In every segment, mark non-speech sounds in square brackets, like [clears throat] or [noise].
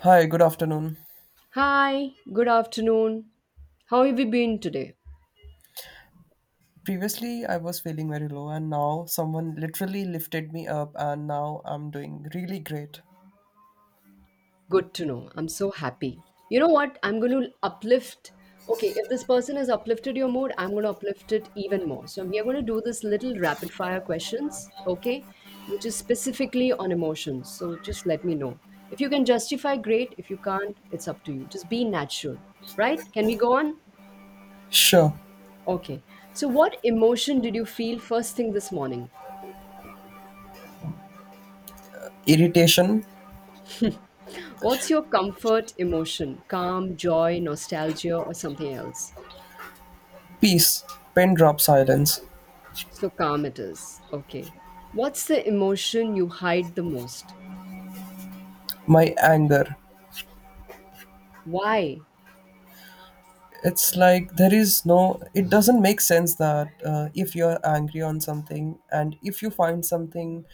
Hi, good afternoon. Hi, good afternoon. How have you been today? Previously, I was feeling very low, and now someone literally lifted me up, and now I'm doing really great. Good to know. I'm so happy. You know what? I'm going to uplift. Okay, if this person has uplifted your mood, I'm going to uplift it even more. So we are going to do this little rapid fire questions, okay? Which is specifically on emotions. So just let me know. If you can justify, great. If you can't, it's up to you. Just be natural, right? Can we go on? Sure, Okay. So what emotion did you feel first thing this morning? irritation, What's your comfort emotion? Calm, joy, nostalgia, or something else? peace, pin drop silence, So calm it is. Okay. What's the emotion you hide the most? my anger. Why? It's like there is no, it doesn't make sense that if you're angry on something and if you find something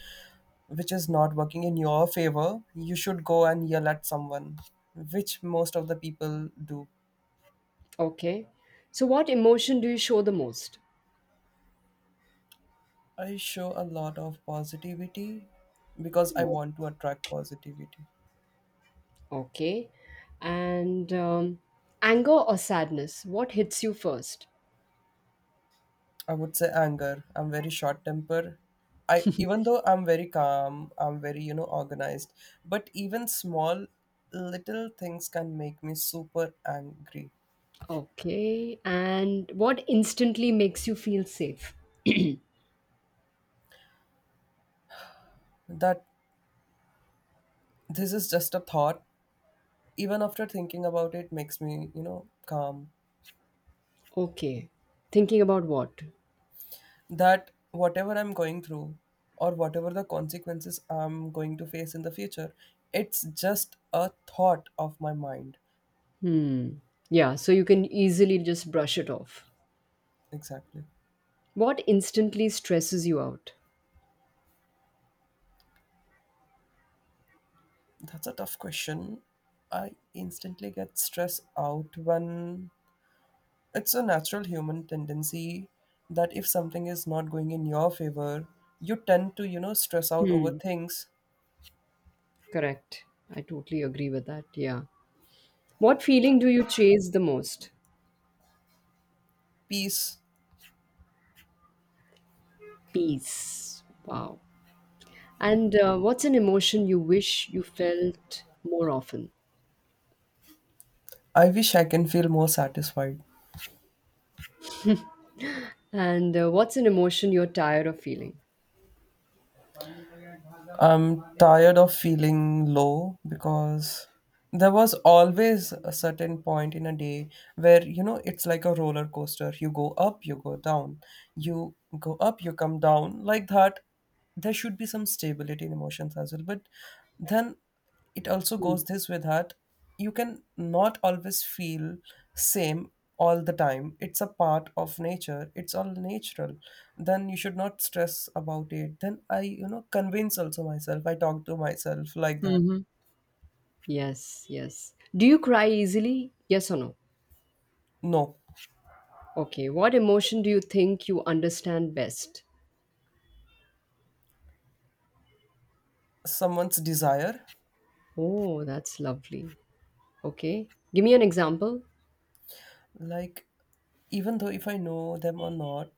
which is not working in your favor, you should go and yell at someone, which most of the people do. Okay. So, what emotion do you show the most? I show a lot of positivity because I want to attract positivity. Okay. And Anger or sadness? What hits you first? I would say anger. I'm very short temper. I even though I'm very calm, I'm very, organized, but even small little things can make me super angry. Okay. And what instantly makes you feel safe? That this is just a thought. Even after thinking about it makes me, calm. Okay. Thinking about what? That whatever I'm going through or whatever the consequences I'm going to face in the future, it's just a thought of my mind. Hmm. Yeah. So you can easily just brush it off. Exactly. What instantly stresses you out? That's a tough question. I instantly get stressed out when it's a natural human tendency that if something is not going in your favor, you tend to, stress out over Hmm. things. Correct. I totally agree with that. Yeah. What feeling do you chase the most? Peace. Peace. Wow. And what's an emotion you wish you felt more often? I wish I can feel more satisfied. And what's an emotion you're tired of feeling? I'm tired of feeling low because there was always a certain point in a day where it's like a roller coaster. You go up, you go down, you go up, you come down like that. There should be some stability in emotions as well, but then it also Hmm. goes this with that. You can not always feel same all the time. It's a part of nature, it's all natural. Then you should not stress about it. Then I, convince also myself. I talk to myself like that. Yes, yes. Do you cry easily? Yes or no? No. Okay. What emotion do you think you understand best? Someone's desire. Oh, that's lovely. Okay. Give me an example. Like, even though if I know them or not,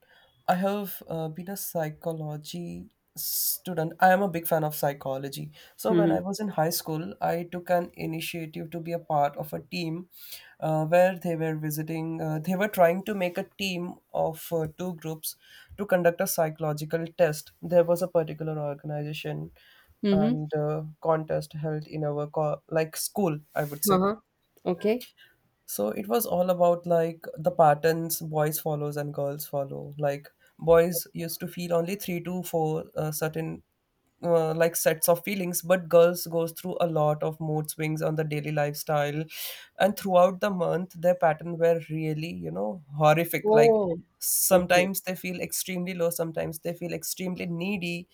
I have been a psychology student. I am a big fan of psychology. So when I Mhm. was in high school, I took an initiative to be a part of a team where they were visiting. They were trying to make a team of two groups to conduct a psychological test. There was a particular organization Mhm. and contest held in our like school, I would say. Uh-huh. Okay. So it was all about like the patterns boys follows and girls follow, like boys used to feel only three to four certain like sets of feelings, but girls goes through a lot of mood swings on the daily lifestyle, and throughout the month their pattern were really horrific. Like, Oh, okay. sometimes they feel extremely low, sometimes they feel extremely needy,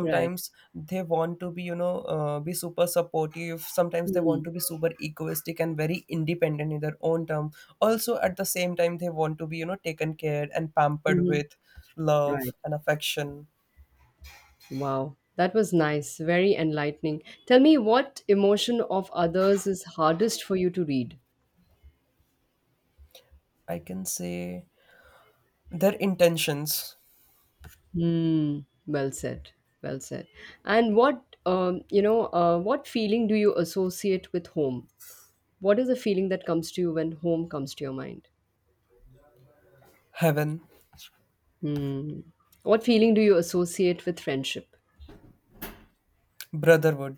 Right. they want to be be super supportive, sometimes they want to Mhm. be super egoistic and very independent in their own term. Also at the same time they want to be taken care and pampered Mhm. with love Right. and affection. Wow. That was nice. Very enlightening. Tell me, what emotion of others is hardest for you to read? I can say their intentions. Hmm. Well said. Well said. And what feeling do you associate with home? What is the feeling that comes to you when home comes to your mind? Heaven. Hmm. What feeling do you associate with friendship? Brotherhood.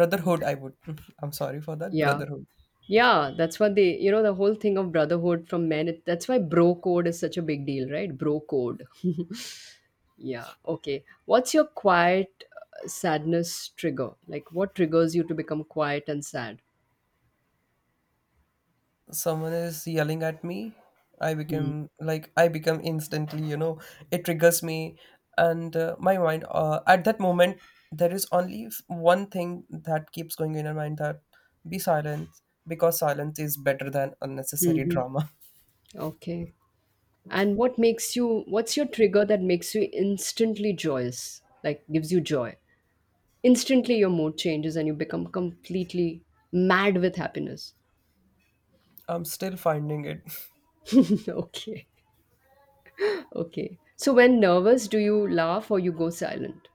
I would [laughs] I'm sorry for that. Yeah. Brotherhood. Yeah, that's what they, you know, the whole thing of brotherhood from men. It, that's why bro code is such a big deal, right? Bro code. Yeah. Okay. What's your quiet sadness trigger? Like, what triggers you to become quiet and sad? Someone is yelling at me, I become like, I become instantly, it triggers me. And my mind at that moment, there is only one thing that keeps going in my mind: that be silent, because silence is better than unnecessary Mm-hmm. drama. Okay. And what makes you, what's your trigger that makes you instantly joyous? Like, gives you joy? Instantly, your mood changes and you become completely mad with happiness. [laughs] I'm still finding it. [laughs] Okay. Okay. So when nervous, do you laugh or you go silent?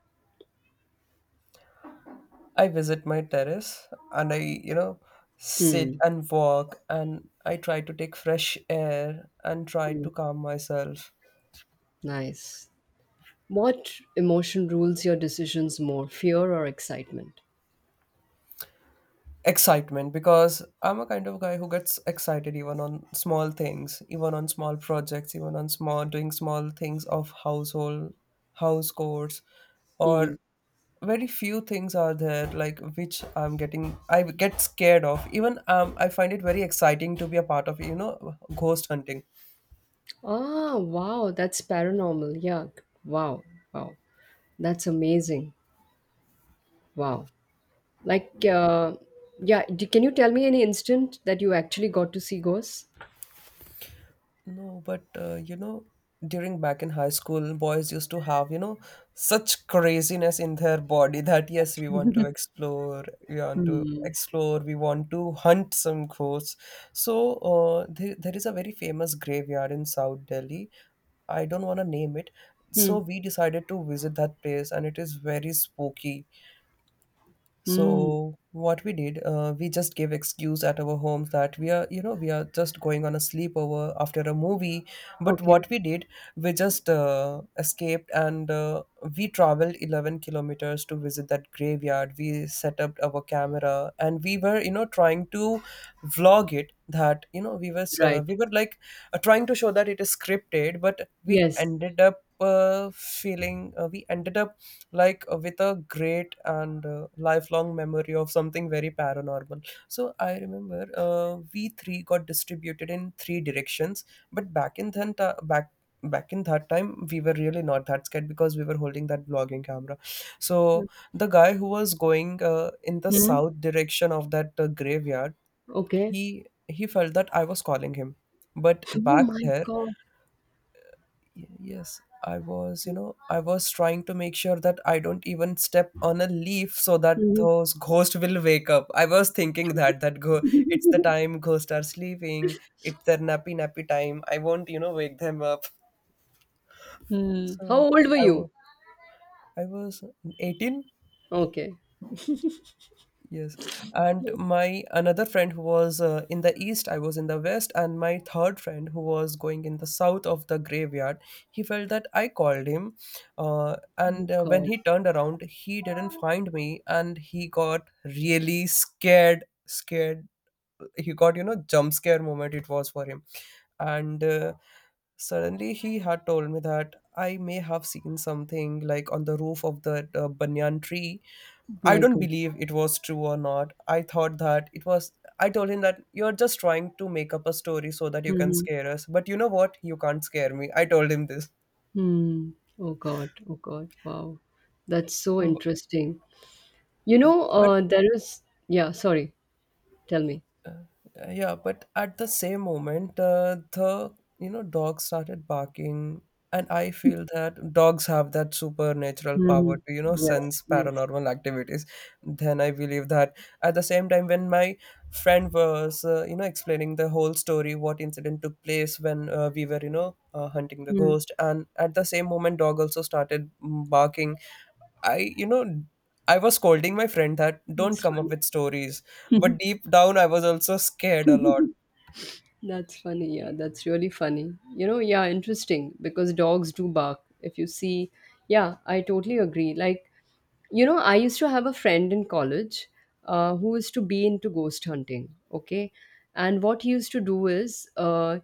I visit my terrace and I, sit Mm, and walk, and I try to take fresh air and try to mm. calm myself. Nice. What emotion rules your decisions more, fear or excitement? Excitement, because I'm a kind of guy who gets excited even on small things, even on small projects, even on small doing small things of household, house chores, or Mm. very few things are there like which I'm getting I get scared of. Even I find it very exciting to be a part of ghost hunting. Ah, wow, that's paranormal. Yeah. Wow. Wow. That's amazing. Wow. Like, uh, can you tell me any instant that you actually got to see ghosts? No, but during back in high school, boys used to have, such craziness in their body that yes, we want to [laughs] explore, we want to Hmm. explore, we want to hunt some ghosts. So there is a very famous graveyard in South Delhi. I don't want to name it. Hmm. So we decided to visit that place, and it is very spooky. Hmm. So what we did, we just gave excuse at our homes that we are, we are just going on a sleepover after a movie. But Okay. what we did, we just escaped, and we traveled 11 kilometers to visit that graveyard. We set up our camera and we were, trying to vlog it. That we was Right. we were like trying to show that it is scripted, but we Yes. ended up feeling we ended up like with a great and lifelong memory of something very paranormal. So I remember we three got distributed in three directions, but back in that time we were really not that scared because we were holding that vlogging camera. So the guy who was going in the Hmm. south direction of that graveyard, Okay. he felt that I was calling him, but Oh back my there. God. Yes, I was trying to make sure that I don't even step on a leaf so that Mhm. those ghosts will wake up. I was thinking that that go it's the time ghosts are sleeping, it's their nappy nappy time. I won't, wake them up. Mm. How So old were I you? was I was 18. Okay. Yes. And my another friend who was in the east, I was in the west, and my third friend who was going in the south of the graveyard, he felt that I called him. And Oh when God. he turned around, he didn't find me and he got really scared. Scared, he got, jump scare moment it was for him, and suddenly he had told me that I may have seen something like on the roof of the banyan tree. I My don't God. believe it was true or not. I thought that it was. I told him that you're just trying to make up a story so that you can Mm-hmm. scare us. But you know what? You can't scare me. I told him this. Mm. Oh God. Oh God. Wow. That's [laughs] so B- interesting. You know, But. There is. Yeah. Sorry. Tell me. Yeah, but at the same moment the dog started barking, and I feel that dogs have that supernatural Hmm. power to Yes. sense Yes. paranormal activities. Then I believe that at the same time when my friend was explaining the whole story what incident took place when we were hunting the Mm. ghost, and at the same moment dog also started barking. I, you know, I was scolding my friend that don't It's come up funny. with stories, but deep down I was also scared a lot. That's funny. Yeah. That's really funny. You know. Yeah. Interesting because dogs do bark. If you see. Yeah. I totally agree. Like, you know, I used to have a friend in college who used to be into ghost hunting. Okay. And what he used to do is, uh,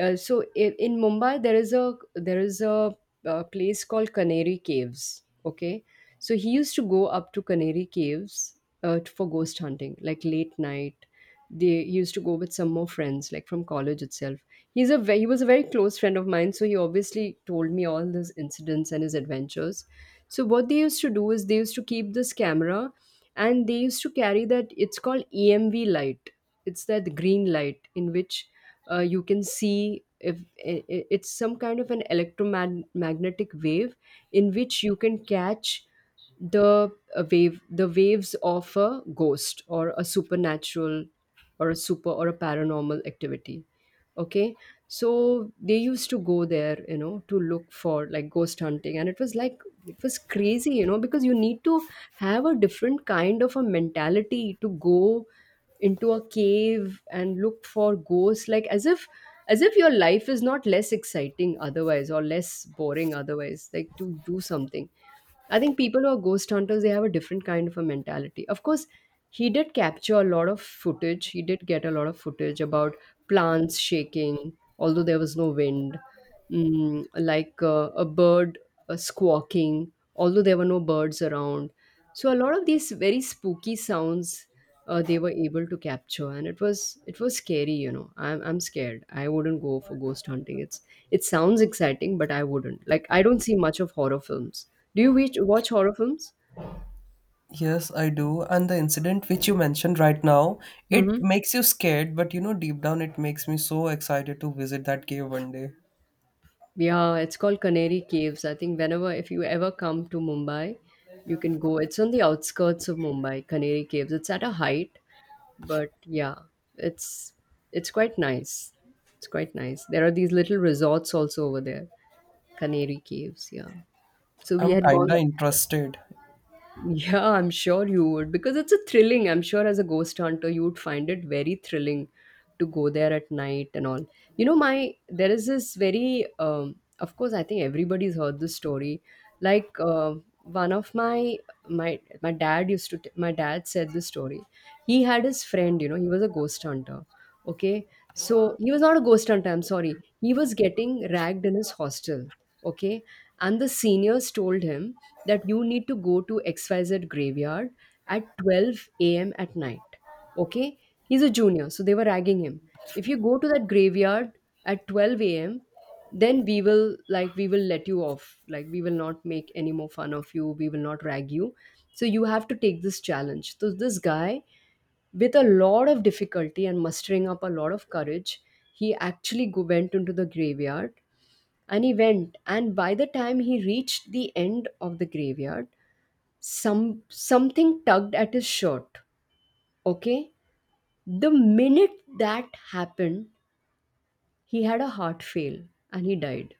uh, so in Mumbai, there is a, uh, place called Canary Caves. Okay. So he used to go up to Canary Caves for ghost hunting, like late night. They he used to go with some more friends, like from college itself. He was a very close friend of mine, so he obviously told me all his incidents and his adventures. So what they used to do is they used to keep this camera, and they used to carry that it's called EMV light. It's that green light in which you can see if it's some kind of an electromagnetic wave in which you can catch the wave the waves of a ghost or a supernatural or a super or a paranormal activity, okay? So they used to go there, you know, to look for, like, ghost hunting, and it was like it was crazy, you know, because you need to have a different kind of a mentality to go into a cave and look for ghosts, like as if, as if your life is not less exciting otherwise or less boring otherwise, like to do something. I think people who are ghost hunters, they have a different kind of a mentality. Of course, he did capture a lot of footage. He did get a lot of footage about plants shaking, although there was no wind, mm, like a bird squawking, although there were no birds around. So a lot of these very spooky sounds they were able to capture, and it was scary. You know, I'm scared. I wouldn't go for ghost hunting. It's it sounds exciting, but I wouldn't. Like, I don't see much of horror films. Do you witch watch horror films? Yes, I do. And the incident which you mentioned right now, it Mhm. makes you scared, but deep down it makes me so excited to visit that cave one day. Yeah, it's called Canary Caves. I think whenever, if you ever come to Mumbai, you can go. It's on the outskirts of Mumbai, Canary Caves. It's at a height, but yeah, it's it's quite nice. It's quite nice. There are these little resorts also over there, Canary Caves, yeah. So we I'm had gone. kinda interested. Yeah, I'm sure you would because it's a thrilling. I'm sure as a ghost hunter, you would find it very thrilling to go there at night and all. You know, my There is this very, of course, I think everybody's heard this story. Like one of my my My dad used my dad said this story. He had his friend. You know, he was a ghost hunter. Okay, so he was not a ghost hunter. I'm sorry. He was getting ragged in his hostel. Okay, and the seniors told him that you need to go to XYZ graveyard at 12 a.m. at night. Okay? He's a junior, so they were ragging him. If you go to that graveyard at 12 a.m., then we will like we will let you off. Like, we will not make any more fun of you. We will not rag you. So you have to take this challenge. So this guy, with a lot of difficulty and mustering up a lot of courage, he actually went into the graveyard, and he went, and by the time he reached the end of the graveyard, something tugged at his shirt. Okay, the minute that happened, he had a heart fail and he died.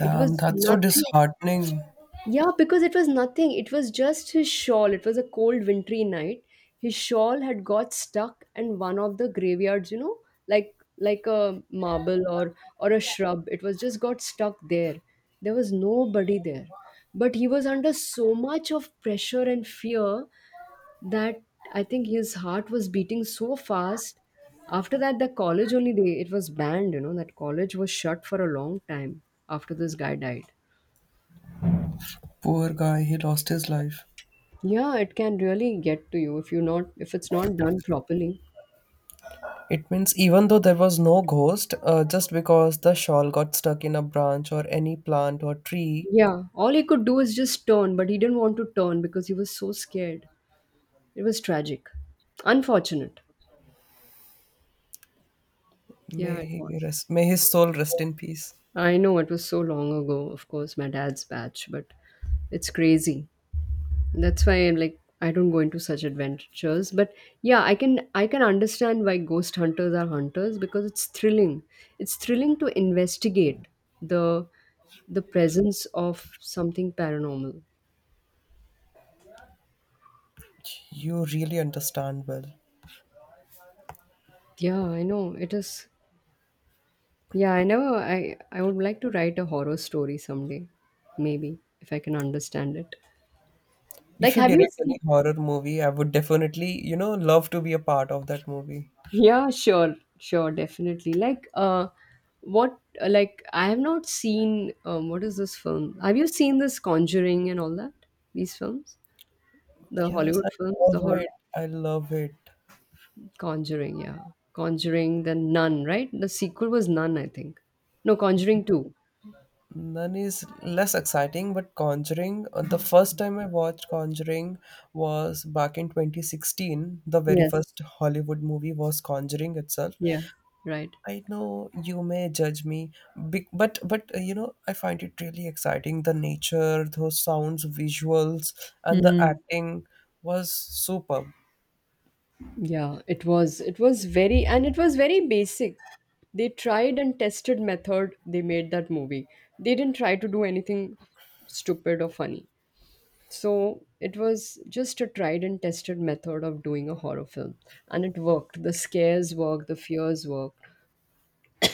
It was that's so nothing. disheartening. Yeah, because it was nothing. It was just his shawl. It was a cold wintry night. His shawl had got stuck in one of the graveyards, you know, like a marble or a shrub. It was just got stuck there. There was nobody there, but he was under so much of pressure and fear that I think his heart was beating so fast. After that, the college only they it was banned. You know, that college was shut for a long time after this guy died. Poor guy, he lost his life. Yeah, it can really get to you if you not if it's not done properly. It means even though there was no ghost, just because the shawl got stuck in a branch or any plant or tree, Yeah, all he could do is just turn, but he didn't want to turn because he was so scared. It was tragic, unfortunate. may Yeah, it he was. rest, may his soul rest in peace. I know it was so long ago. Of course, my dad's batch, but it's crazy. That's why I'm like I don't go into such adventures. But yeah, I can understand why ghost hunters are hunters because it's thrilling. It's thrilling to investigate the the presence of something paranormal. You really understand well. Yeah, I know. It is yeah, I never I I would like to write a horror story someday. Maybe if I can understand it. If Like, you have you direct any seen. horror movie, I would definitely, love to be a part of that movie. Yeah, sure, sure, definitely. What, like, I have not seen, what is this film? Have you seen this Conjuring and all that? These films? The Yes, Hollywood I films, love the horror. it. I love it. Conjuring, yeah. Conjuring, the Nun, right? The sequel was Nun, I think. No, Conjuring 2. None is less exciting, but Conjuring, the first time I watched Conjuring was back in 2016. The very Yes. first Hollywood movie was Conjuring itself. Yeah, right. I know you may judge me, but I find it really exciting. The nature, those sounds, visuals, and the Hmm. acting was superb. Yeah, it was. It was very, and it was very basic. They tried and tested method. They made that movie. They didn't try to do anything stupid or funny. So it was just a tried and tested method of doing a horror film, and it worked. The scares worked. The fears worked.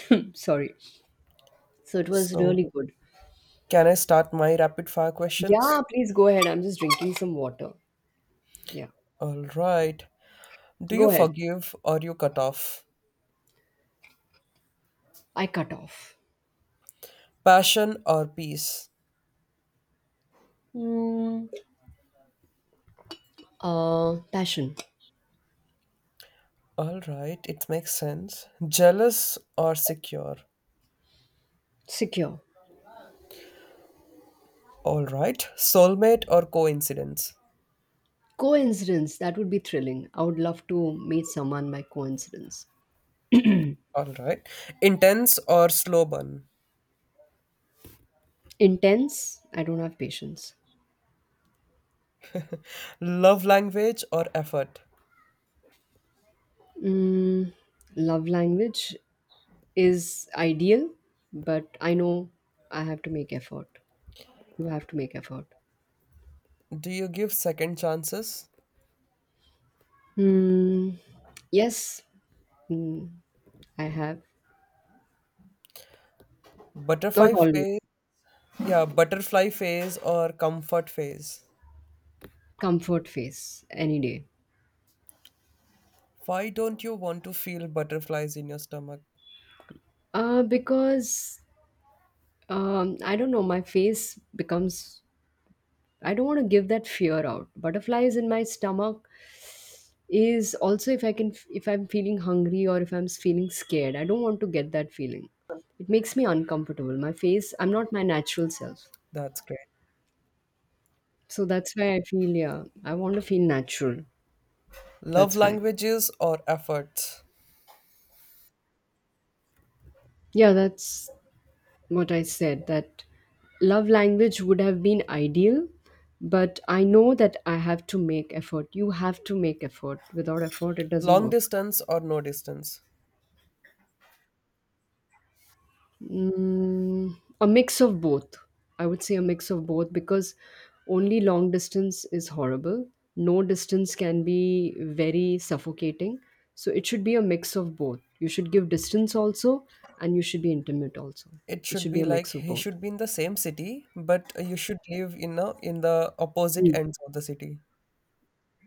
[clears throat] Sorry. So it was So, really good. can I start my rapid fire questions? Yeah, please go ahead. I'm just drinking some water. Yeah, All right. Do you go ahead. forgive or you cut off? I cut off. Passion or peace? Hmm. Passion, All right, it makes sense. Jealous or secure? secure. All right. Soulmate or coincidence? Coincidence, that would be thrilling. I would love to meet someone by coincidence. All right. Intense or slow burn? Intense, I don't have patience. Love language or effort? Mm, love language is ideal, but I know I have to make effort. You have to make effort. Do you give second chances? Mm, yes, I have. Not Butterfly phase, always. yeah, butterfly phase or comfort phase? Comfort face, any day. Why don't you want to feel butterflies in your stomach? Because I don't know, my face becomes. I don't want to give that fear out. Butterflies in my stomach is also, if I'm feeling hungry or if I'm feeling scared, I don't want to get that feeling. It makes me uncomfortable. My face, I'm not my natural self. That's great. So that's why I feel, yeah, I want to feel natural. Love That's why, languages or efforts? yeah, that's what I said, that love language would have been ideal, but I know that I have to make effort. You have to make effort. Without effort, it doesn't Long work. distance or no distance? Mm, a mix of both. I would say a mix of both because only long distance is horrible. No distance can be very suffocating. So it should be a mix of both. You should give distance also, and you should be intimate also. It It should should be be a like mix of he both. should be in the same city, but you should live in a, in the opposite Mm. ends of the city.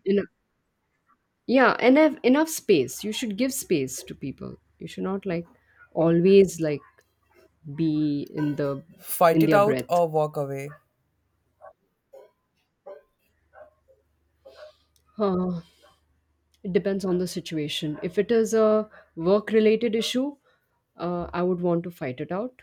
Enough, yeah, and have enough space. You should give space to people. You should not, like, always, like, be in the Fight in it their out breath. or walk away. Huh. It depends on the situation. If it is a work related issue, I would want to fight it out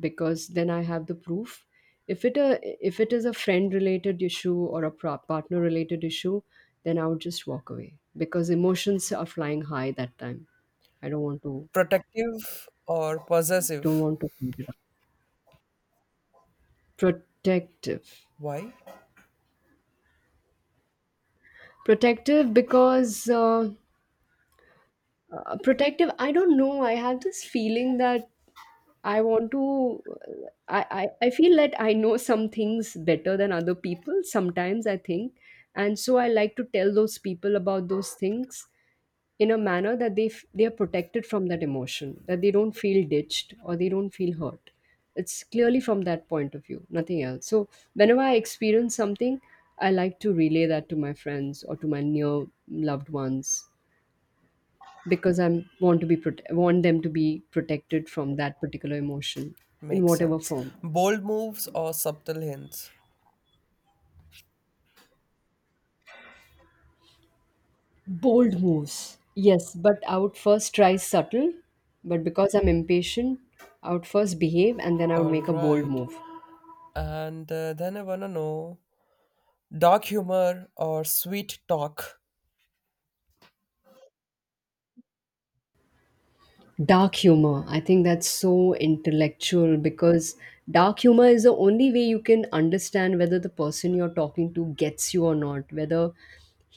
because then I have the proof. If it a, if it is a friend related issue or a partner related issue, then I would just walk away because emotions are flying high that time. I Protective or don't possessive? want to fight it out. Protective, Why? protective because protective. I don't know. I have this feeling that I want to, I feel that I know some things better than other people. Sometimes I think. And so I like to tell those people about those things in a manner that they, they are protected from that emotion, that they don't feel ditched or they don't feel hurt. It's clearly from that point of view, nothing else. So whenever I experience something, I like to relay that to my friends or to my near loved ones because I'm want to be prote- want them to be protected from that particular emotion in Makes whatever sense. form. Bold moves or subtle hints. Bold moves, yes, but I would first try subtle, but because I'm impatient, I would first behave and then I would All make a bold right. move. And then I want to know dark humor or sweet talk. Dark humor, I think that's so intellectual because dark humor is the only way you can understand whether the person you're talking to gets you or not, whether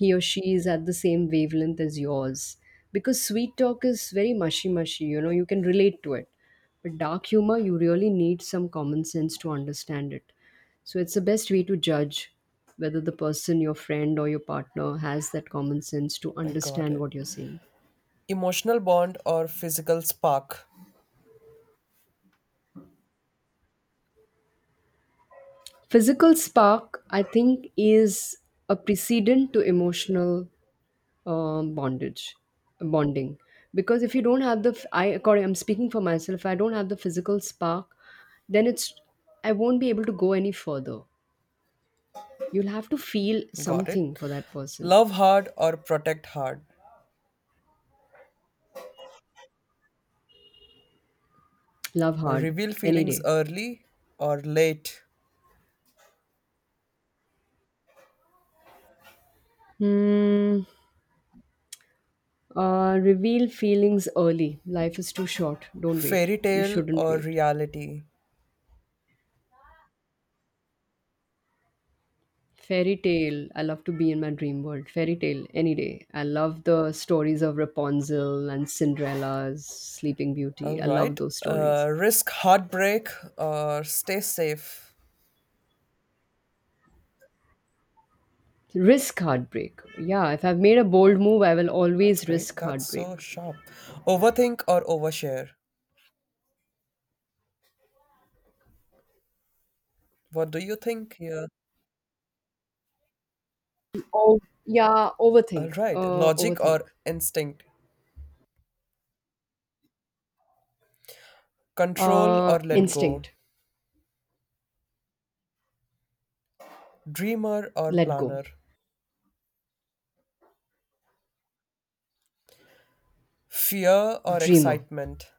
he or she is at the same wavelength as yours, because sweet talk is very mushy mushy, you know, you can relate to it, but dark humor, you really need some common sense to understand it. So it's the best way to judge whether the person, your friend or your partner, has that common sense to I got understand it. what you're saying. Emotional bond or physical spark. Physical spark, I think, is a precedent to emotional bondage, bonding. Because if you don't have the, I, according, I'm speaking for myself, if I don't have the physical spark, then it's, I won't be able to go any further. You'll have to feel Got something it. for that person. Love hard or protect hard. Love hard, Reveal any feelings day. early or late. Hmm. Reveal feelings early. Life is too short. Don't wait. Fairy You tale shouldn't or wait. reality. Fairy tale. I love to be in my dream world. Fairy tale any day. I love the stories of Rapunzel and Cinderella's Sleeping Beauty. All I love right. those stories. Risk heartbreak or stay safe. Risk heartbreak. Yeah, if I've made a bold move, I will That's always great. risk That's heartbreak. so sharp. Overthink or overshare? What do you think here? Oh, yeah, All overthink. right. Logic Overthink. or instinct? Control or let go? Instinct. Dreamer or Let go. planner? Fear or Dreamer. excitement?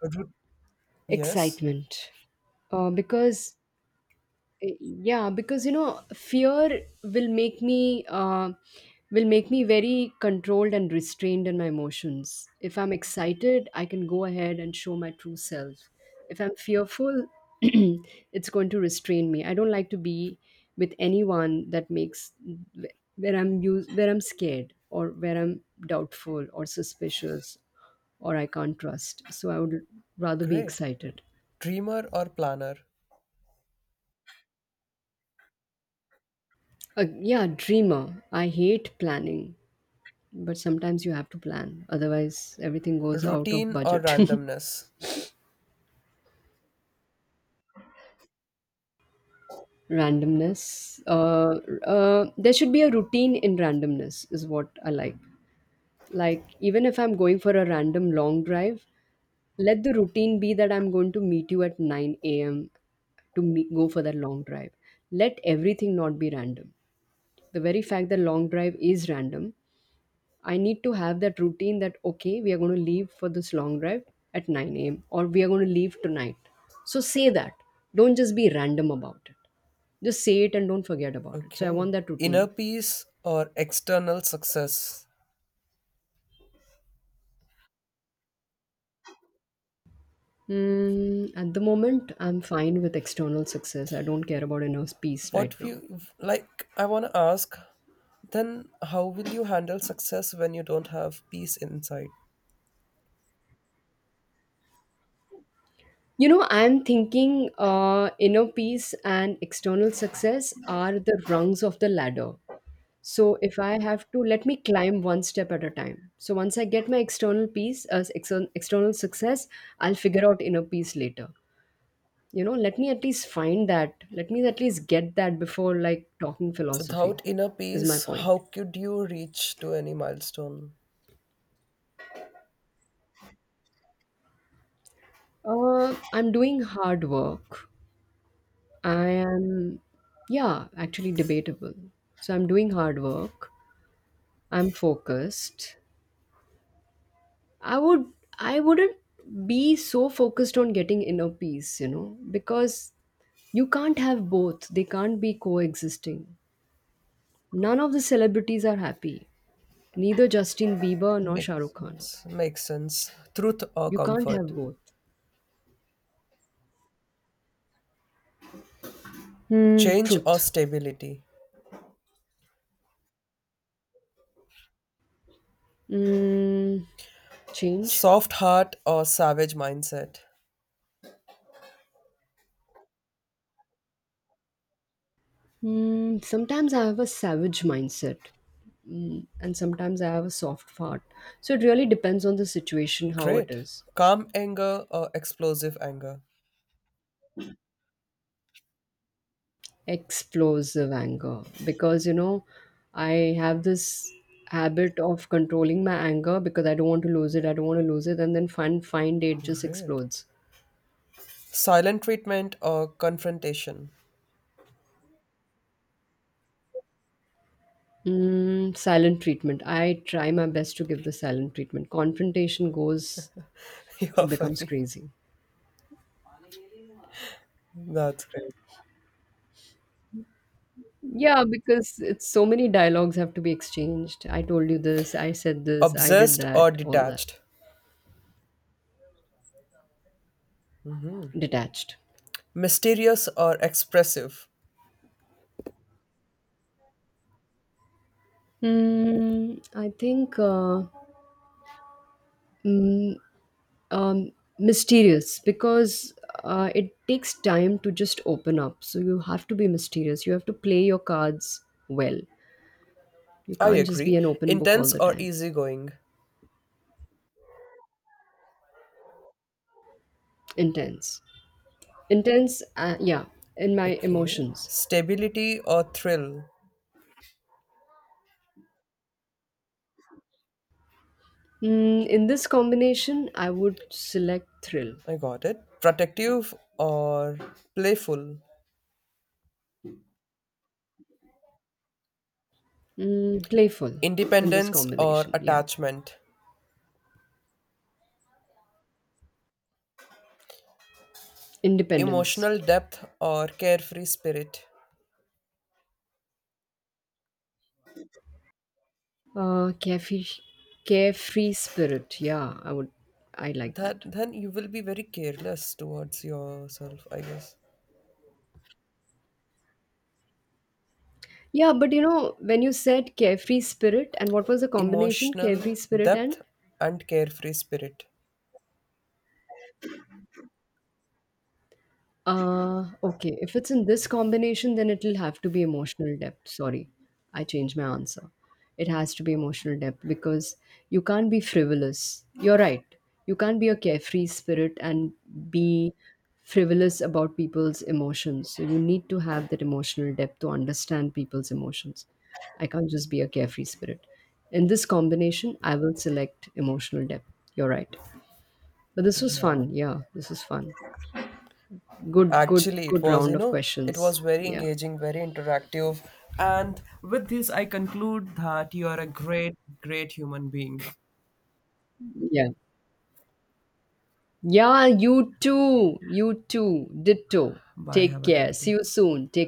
Ru- yes. Excitement. Uh, because yeah, because, you know, fear will make me very controlled and restrained in my emotions. If I'm excited, I can go ahead and show my true self. If I'm fearful [clears throat] it's going to restrain me. I don't like to be with anyone that makes where I'm scared or where I'm doubtful or suspicious or I can't trust. So I would rather be Great. excited. Dreamer or planner? Yeah, dreamer. I hate planning. But sometimes you have to plan, otherwise everything goes out of Routine or budget. [laughs] randomness? Randomness. There should be a routine in randomness, is what I like. Like, even if I'm going for a random long drive, let the routine be that I'm going to meet you at 9 a.m. to go for that long drive. Let everything not be random. The very fact that long drive is random, I need to have that routine that okay, we are going to leave for this long drive at 9 a.m. or we are going to leave tonight. So say that. Don't just be random about it. Just say it and don't forget about it. So I Okay. want that Inner routine. peace or external success? Mm, at the moment, I'm fine with external success. I don't care about inner peace right What now. you like I want to ask. Then, how will you handle success when you don't have peace inside? You know, I'm thinking inner peace and external success are the rungs of the ladder. So if I have to, let me climb one step at a time. So once I get my external peace, external success, I'll figure out inner peace later. You know, let me at least find that. Let me at least get that before like talking Without philosophy, inner is my peace, how point. could you reach to any milestone? I'm doing hard work. I am, yeah, actually debatable. So I'm doing hard work. I'm focused. I would I wouldn't be so focused on getting inner peace, you know, because you can't have both. They can't be coexisting. None of the celebrities are happy. Neither Justin Bieber nor Shah Makes Rukh Khan. sense. Makes sense. Truth or You can't comfort? have both. Hmm, Change or truth. stability? Mm, change. Soft heart or savage mindset? Mm, sometimes I have a savage mindset, mm, and sometimes I have a soft heart. So it really depends on the situation, how it Great. is. Calm anger or explosive anger? Explosive anger, because, you know, I have this habit of controlling my anger because I don't want to lose it. I don't want to lose it, and then fun fine day it just Great. explodes. Silent treatment or confrontation? Mm, silent treatment. I try my best to give the silent treatment. Confrontation goes, [laughs] You're it becomes funny. crazy, That's great. yeah, because it's so many dialogues have to be exchanged. I told you this, I said this, I did Obsessed that, or all that. detached? Detached. Mysterious or expressive? Mm, I think mm, um, mysterious because it takes time to just open up. So you have to be mysterious. You have to play your cards well. You I can't just be agree. an open book all Intense the or time. easygoing? Intense. Intense, yeah, in my Okay. emotions. Stability or thrill? Mm, in this combination, I would select thrill. I got it. Protective or playful? Mm, playful in this Independence or combination, yeah. attachment? Independence. Emotional depth or carefree spirit? Carefree, carefree spirit, yeah, I would, I like That that. then you will be very careless towards yourself, I guess. Yeah, but you know, when you said carefree spirit, and what was the combination? Emotional Carefree spirit and depth and carefree spirit. Okay, if it's in this combination, then it'll have to be emotional depth. Sorry, I changed my answer. It has to be emotional depth because you can't be frivolous. You're right. You can't be a carefree spirit and be frivolous about people's emotions. So you need to have that emotional depth to understand people's emotions. I can't just be a carefree spirit. In this combination, I will select emotional depth. You're right. But this was Yeah. fun. Yeah, this was fun. Good, good, Actually, it good was, you round of know, it was questions. very Yeah. engaging, very interactive. And with this, I conclude that you are a great, great human being. Yeah, Yeah, you too. You too. Ditto. Bye. Take Have a care. great See day. you soon. Take